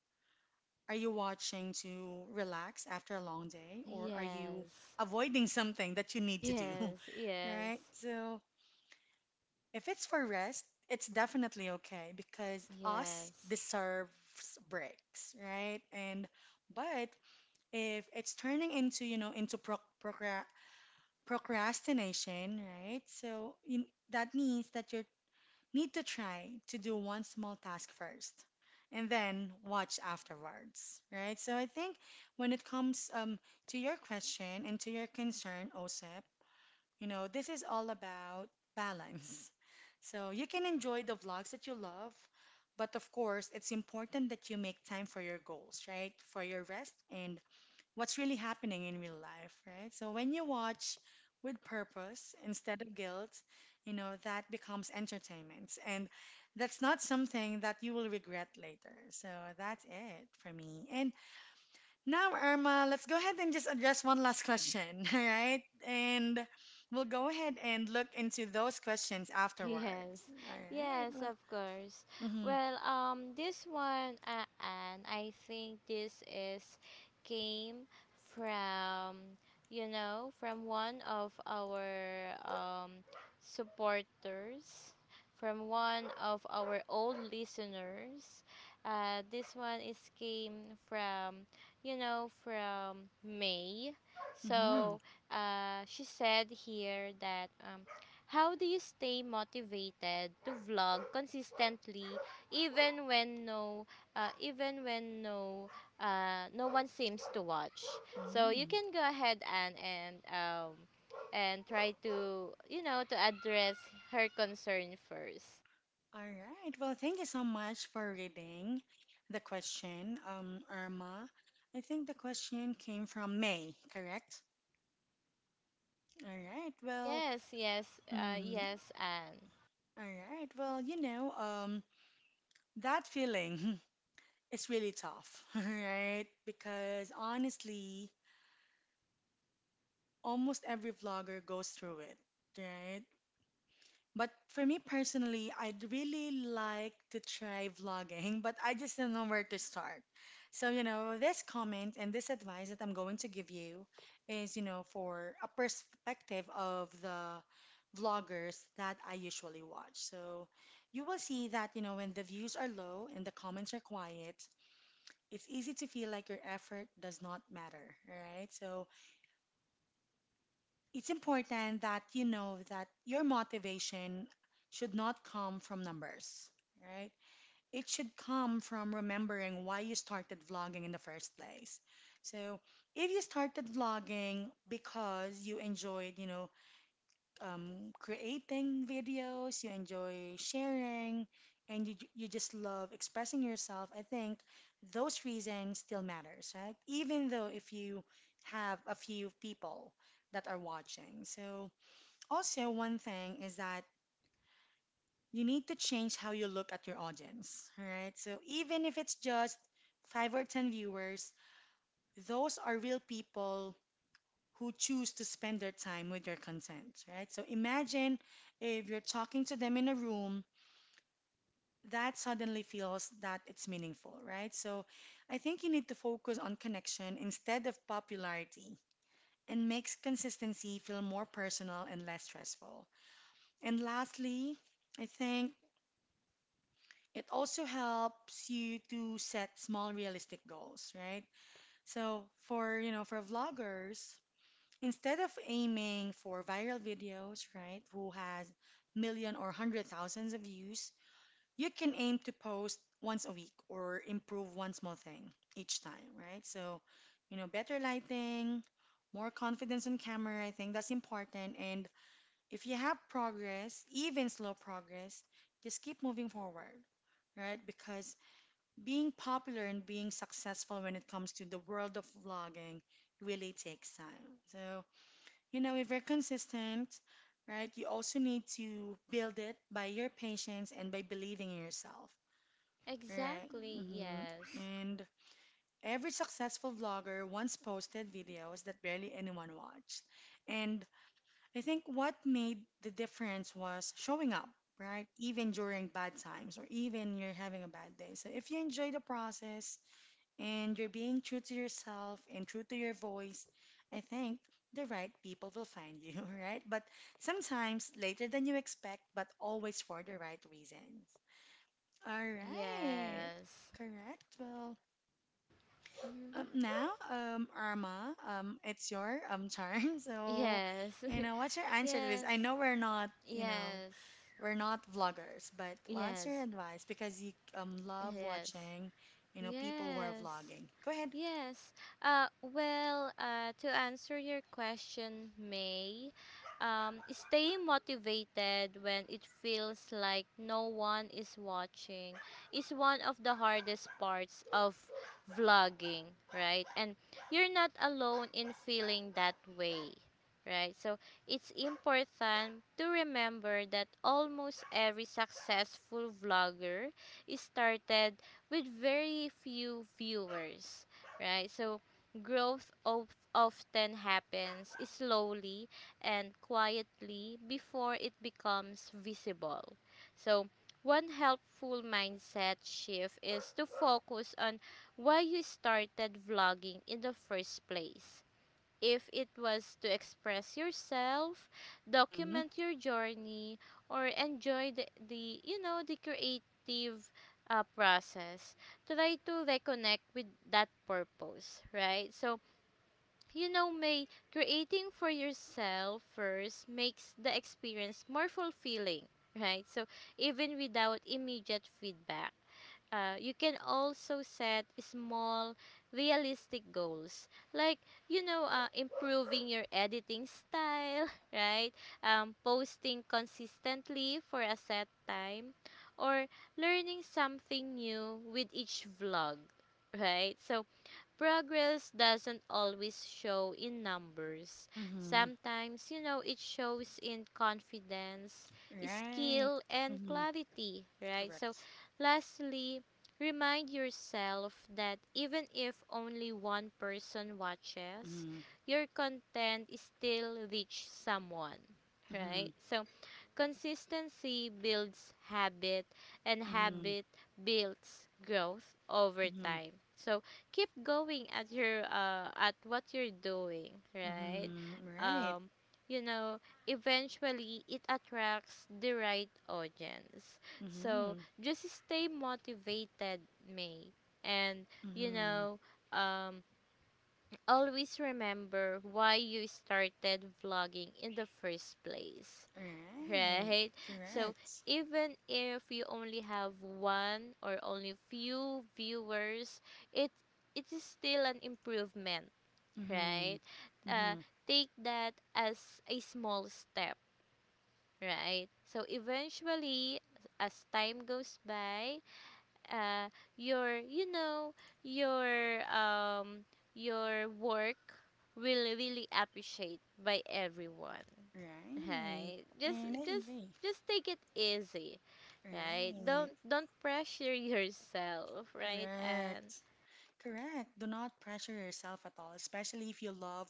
S1: are you watching to relax after a long day, or are you
S2: yes,
S1: avoiding something that you
S2: <laughs>
S1: need to do? <laughs>
S2: yes, yes,
S1: Right? So, if it's for rest, it's definitely okay because us
S2: yes.
S1: deserves breaks, right? And but if it's turning into, into procra procrastination, right? So, that means that you're need to try to do one small task first and then watch afterwards, right? So I think when it comes to your question and to your concern, OSEP, this is all about balance. So you can enjoy the vlogs that you love, but of course, it's important that you make time for your goals, right? For your rest and what's really happening in real life, right? So when you watch with purpose instead of guilt, that becomes entertainment. And that's not something that you will regret later. So that's it for me. And now, Irma, let's go ahead and just address one last question, <laughs> all right? And we'll go ahead and look into those questions
S2: <laughs> Yes,
S1: afterwards. All right.
S2: yes,
S1: Well,
S2: of course.
S1: mm-hmm,
S2: Well, this one, and I think this is came from, you know, from one of our supporters, from one of our old listeners. This one is came from, you know, from May.
S1: mm-hmm,
S2: So she said here that how do you stay motivated to vlog consistently even when uh, even when no no one seems to watch? So you
S1: mm-hmm.
S2: can go ahead and try to, you know, to address her concern first.
S1: All right. Well, thank you so much for reading the question, Irma. I think the question came from May, correct? All right. Well,
S2: Yes, yes,
S1: mm,
S2: yes, Anne.
S1: all right. Well, that feeling <laughs> is really tough, <laughs> right? Because honestly, almost every vlogger goes through it, right? But for me personally, I'd really like to try vlogging, but I just don't know where to start. So, this comment and this advice that I'm going to give you is, for a perspective of the vloggers that I usually watch. So, you will see that, when the views are low and the comments are quiet, it's easy to feel like your effort does not matter, right? So, it's important that you know that your motivation should not come from numbers, right? It should come from remembering why you started vlogging in the first place. So, if you started vlogging because you enjoyed, creating videos, you enjoy sharing, and you just love expressing yourself, I think those reasons still matters, right? Even though if you have a few people that are watching. So, also, one thing is that you need to change how you look at your audience, all right? So even if it's just five or 10 viewers, those are real people who choose to spend their time with your content, right? So imagine if you're talking to them in a room, that suddenly feels that it's meaningful, right? So I think you need to focus on connection instead of popularity and makes consistency feel more personal and less stressful. And lastly, I think it also helps you to set small realistic goals, right? So for, for vloggers, instead of aiming for viral videos, right, who has million or hundred thousands of views, you can aim to post once a week or improve one small thing each time, right? So, better lighting, more confidence on camera, I think that's important. And if you have progress, even slow progress, just keep moving forward, right? Because being popular and being successful when it comes to the world of vlogging really takes time. So, if you're consistent, right, you also need to build it by your patience and by believing in yourself, right?
S2: Exactly,
S1: Hmm.
S2: yes.
S1: And every successful vlogger once posted videos that barely anyone watched. And I think what made the difference was showing up, right? Even during bad times or even you're having a bad day. So if you enjoy the process, and you're being true to yourself and true to your voice, I think the right people will find you, <laughs> right? But sometimes later than you expect, but always for the right reasons. All right.
S2: Yes.
S1: Correct. Well,
S2: Mhm.
S1: now, Arma, it's your turn. <laughs> So,
S2: Yes.
S1: what's your
S2: <laughs>
S1: answer to this?
S2: yes.
S1: I know we're not,
S2: Yes.
S1: we're not vloggers, but what's your
S2: Yes.
S1: advice? Because you love
S2: Yes.
S1: watching, people who are
S2: Yes.
S1: vlogging. Go
S2: Yes. Well, to answer your question, May, stay motivated when it feels like no one is watching is one of the hardest parts of vlogging, right? And you're not alone in feeling that way, right? So it's important to remember that almost every successful vlogger started with very few viewers, right? So growth often happens slowly and quietly before it becomes visible. So one helpful mindset shift is to focus on why you started vlogging in the first place. If it was to express yourself,
S1: ahead.
S2: document your journey, or enjoy the creative process. Try to reconnect with that purpose, right? So, you know, May, creating for yourself first makes the experience more fulfilling, right? So, even without immediate feedback. You can also set small, realistic goals, like, you know, improving your editing style, <laughs> right? Posting consistently for a set time, or learning something new with each vlog, right? So progress doesn't always show in numbers.
S1: Mm-hmm.
S2: Sometimes, you know, it shows in confidence,
S1: Right.
S2: skill, and
S1: Mm-hmm.
S2: clarity, right? So,
S1: Correct.
S2: lastly, remind yourself that even if only one person watches,
S1: Mm-hmm.
S2: your content still reaches someone,
S1: Mm-hmm.
S2: right? So, consistency builds habit and
S1: Mm-hmm.
S2: habit builds growth over
S1: Mm-hmm.
S2: time. So, keep going at your at what you're doing, right?
S1: Mm-hmm. Right.
S2: um you know Eventually it attracts the right audience, so
S1: Mm-hmm.
S2: just stay motivated, May. And you
S1: Mm-hmm.
S2: know um always remember why you started vlogging in the first place.
S1: Right.
S2: Right? So
S1: Correct.
S2: even if you only have one or only few viewers, it it is still an improvement,
S1: Mm-hmm.
S2: right? Uh,
S1: Mm-hmm.
S2: Take that as a small step, right? So eventually, as time goes by, uh, your your um your work will really appreciate by everyone,
S1: Right.
S2: right? just
S1: And I
S2: just
S1: agree.
S2: just take it easy, right? don't
S1: Right.
S2: don't pressure <laughs> yourself, right? And
S1: Correct. Correct. Do not pressure yourself at all, especially if you love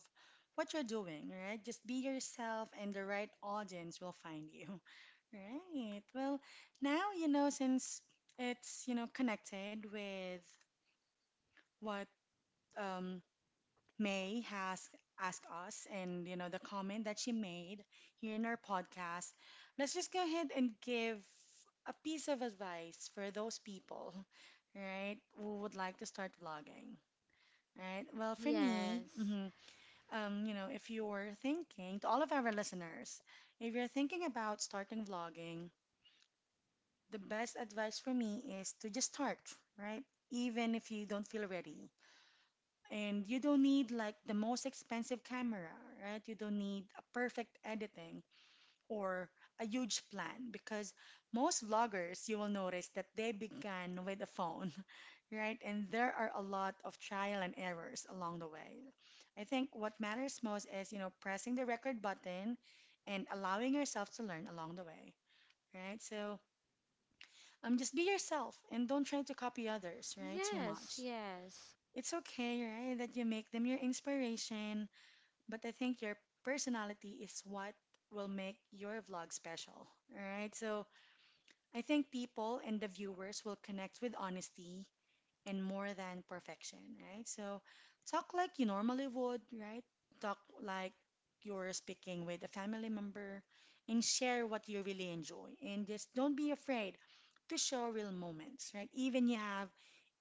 S1: what you're doing, right? Just be yourself and the right audience will find you. <laughs> Right. Well, now, since it's, connected with what um, May has asked us and, the comment that she made here in our podcast, let's just go ahead and give a piece of advice for those people, <laughs> right, who would like to start vlogging. Right. Well, for me,
S2: yes,
S1: mhm, if you're thinking, to all of our listeners, if you're thinking about starting vlogging, the best advice for me is to just start, right? Even if you don't feel ready. And you don't need like the most expensive camera, right? You don't need a perfect editing or a huge plan because most vloggers, you will notice that they began with a phone, right? And there are a lot of trial and errors along the way. I think what matters most is, pressing the record button and allowing yourself to learn along the way, right? So just be yourself and don't try to copy others, right? Too much.
S2: yes, yes,
S1: It's okay, right, that you make them your inspiration, but I think your personality is what will make your vlog special, all right? So I think people and the viewers will connect with honesty and more than perfection, right? So talk like you normally would, right? Talk like you're speaking with a family member and share what you really enjoy. And just don't be afraid to show real moments, right? Even you have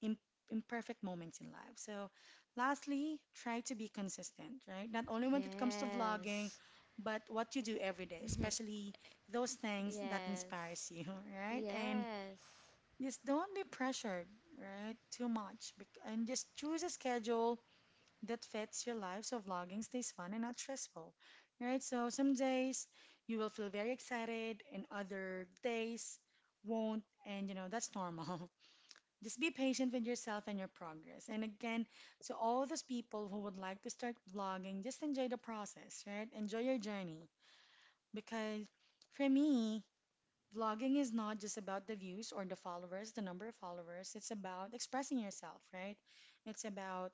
S1: im- imperfect moments in life. So, lastly, try to be consistent, right? Not only when it comes to vlogging,
S2: yes.
S1: but what you do every day,
S2: Mhm.
S1: especially those things that
S2: Yes,
S1: inspires you, <laughs> right? And
S2: yes,
S1: just don't be pressured, right? Too much. And just choose a schedule that fits your life so vlogging stays fun and not stressful, right? So some days you will feel very excited and other days won't. And that's normal. <laughs> Just be patient with yourself and your progress. And again, to all those people who would like to start vlogging, just enjoy the process, right? Enjoy your journey. Because for me, vlogging is not just about the views or the followers, the number of followers. It's about expressing yourself, right? It's about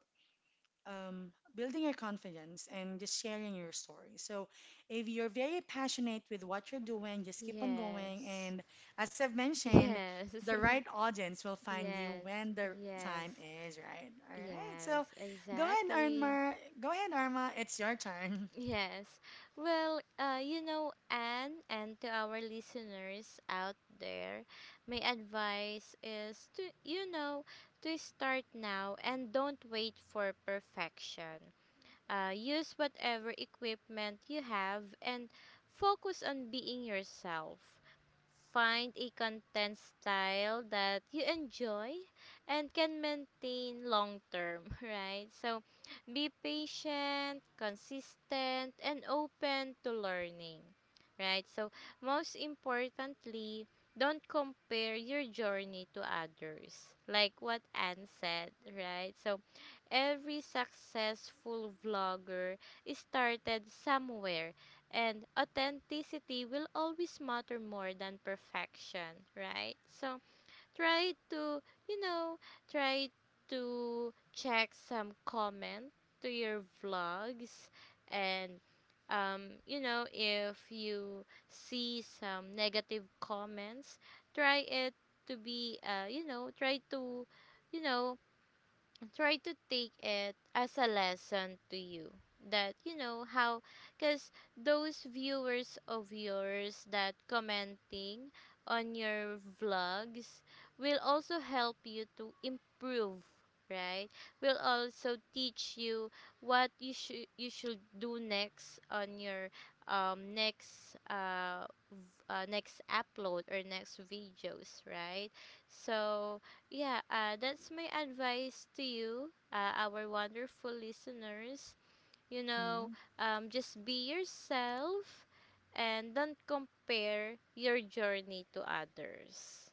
S1: building your confidence and just sharing your story. So, if you're very passionate with what you're doing, just keep on going.
S2: yes,
S1: And as I've mentioned,
S2: yes.
S1: the right
S2: <laughs>
S1: audience will find you
S2: Yes,
S1: when the time
S2: yes,
S1: is right. All right. So,
S2: yes,
S1: go ahead,
S2: exactly.
S1: Arma. It's your turn.
S2: Yes. Well, you know, Anne, and to our listeners out there, my advice is to, you know, to start now and don't wait for perfection. Use whatever equipment you have and focus on being yourself. Find a content style that you enjoy and can maintain long term, <laughs> right? So be patient, consistent, and open to learning, right? So, most importantly, don't compare your journey to others, like what Anne said, right? So, every successful vlogger started somewhere, and authenticity will always matter more than perfection, right? So try to, you know, try to check some comment to your vlogs and you know, if you see some negative comments, try it to be, you know, try to, you know, try to take it as a lesson to you, that you know how, because those viewers of yours that commenting on your vlogs will also help you to improve, right? Will also teach you what you should do next on your next next upload or next videos, right? So yeah, that's my advice to you, our wonderful listeners. You know,
S1: <laughs>
S2: just be yourself and don't compare your journey to others.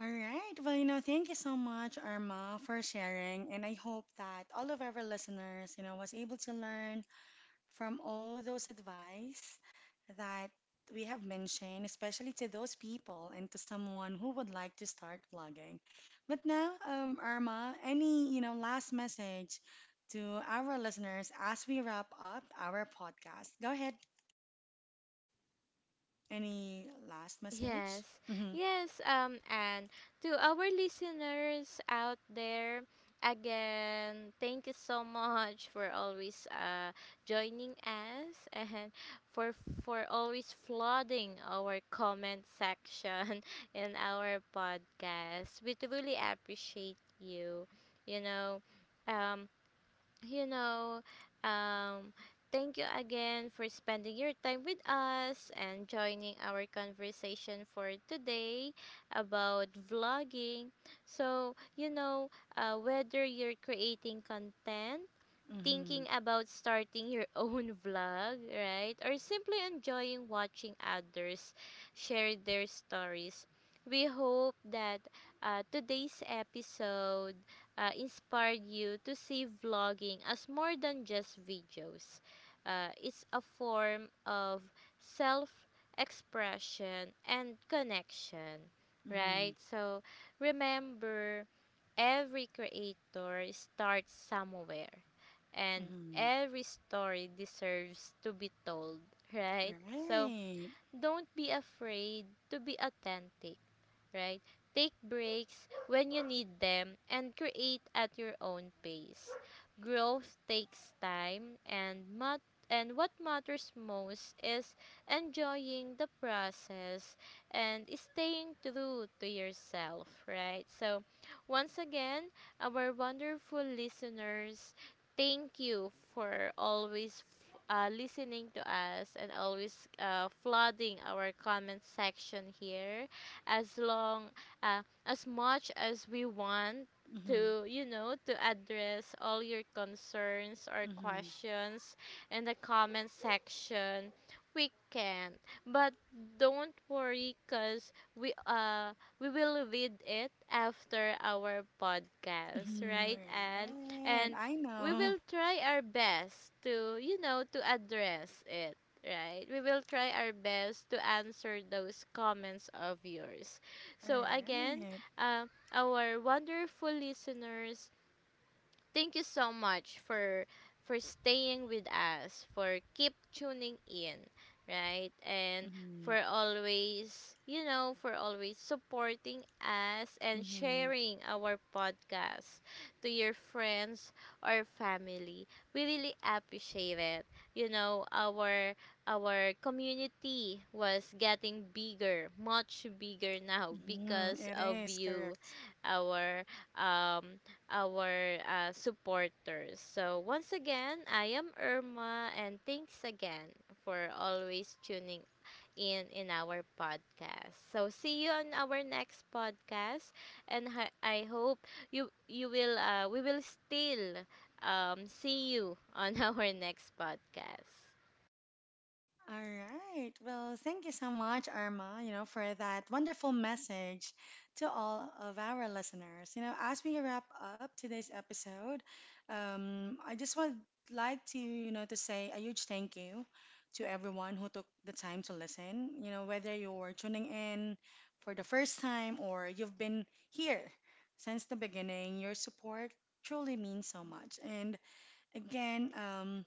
S1: All right. Well, thank you so much, Irma, for sharing. And I hope that all of our listeners, was able to learn from all those advice that we have mentioned, especially to those people and to someone who would like to start vlogging. But now, Irma, any, last message to our listeners as we wrap up our podcast? Go ahead. Any last message?
S2: Yes,
S1: Mm-hmm.
S2: yes, and to our listeners out there, again, thank you so much for always joining us <laughs> and for for always flooding our comment section <laughs> in our podcast. We truly appreciate you. You know, um, you know, um, thank you again for spending your time with us and joining our conversation for today about vlogging. So, you know, whether you're creating content,
S1: Mm-hmm.
S2: thinking about starting your <laughs> own vlog, right? Or simply enjoying watching others share their stories. We hope that today's episode inspired you to see vlogging as more than just videos. It's a form of self expression and connection,
S1: Mm-hmm.
S2: right? So remember, every creator starts somewhere, and
S1: Mm-hmm.
S2: every story deserves to be told, <laughs> right? So
S1: Right.
S2: don't be afraid to be authentic, right? Take breaks when you need them and create at your own pace. Growth takes time, and and what matters most is enjoying the process and staying true to yourself, right? So once again, our wonderful listeners, thank you for always listening to us, and always flooding our comment section here. As long, as much as we want
S1: Mm-hmm.
S2: to, you know, to address all your concerns or
S1: Mm-hmm.
S2: questions in the comment section, we can't. But don't worry, cause we we will read it after our podcast,
S1: Mm-hmm.
S2: right? And
S1: Alright,
S2: and
S1: I
S2: we
S1: know.
S2: will try our best to, you know, to address it, right? We will try our best to answer those comments of yours. So again,
S1: Alright.
S2: our wonderful listeners, thank you so much for staying with us, for keep tuning in, right? And
S1: Mm-hmm.
S2: for always, you know, for always supporting us and
S1: Mm-hmm.
S2: sharing our podcast to your friends or family. We really appreciate it. You know, our community was getting bigger, much bigger <laughs> now
S1: Mm-hmm.
S2: because
S1: It
S2: of
S1: is
S2: you,
S1: correct.
S2: our um our supporters. So, once again, I am Irma, and thanks again for always tuning in our podcast. So, see you on our next podcast, and I hope you will we will still see you on <laughs> our next podcast.
S1: All right. Well, thank you so much, Irma, for that wonderful message to all of our listeners. You know, as we wrap up today's episode, I just would like to, to say a huge thank you to everyone who took the time to listen. You know, whether you're tuning in for the first time or you've been here since the beginning, your support truly means so much. And again, um,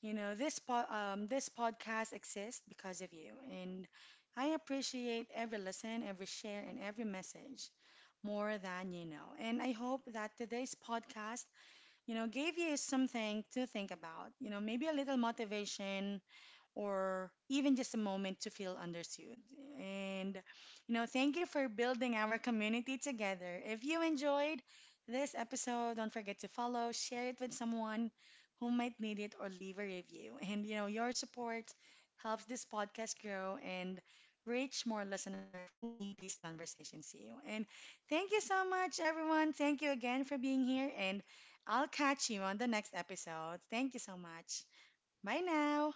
S1: you know, this this podcast exists because of you, and I appreciate every listen, every share, and every message more than you know. And I hope that today's podcast, gave you something to think about. You know, maybe a little motivation, or even just a moment to feel understood. And, thank you for building our community together. If you enjoyed this episode, don't forget to follow, share it with someone who might need it, or leave a review. And, your support helps this podcast grow and reach more listeners who need these conversations to you. And thank you so much, everyone. Thank you again for being here. And I'll catch you on the next episode. Thank you so much. Bye now.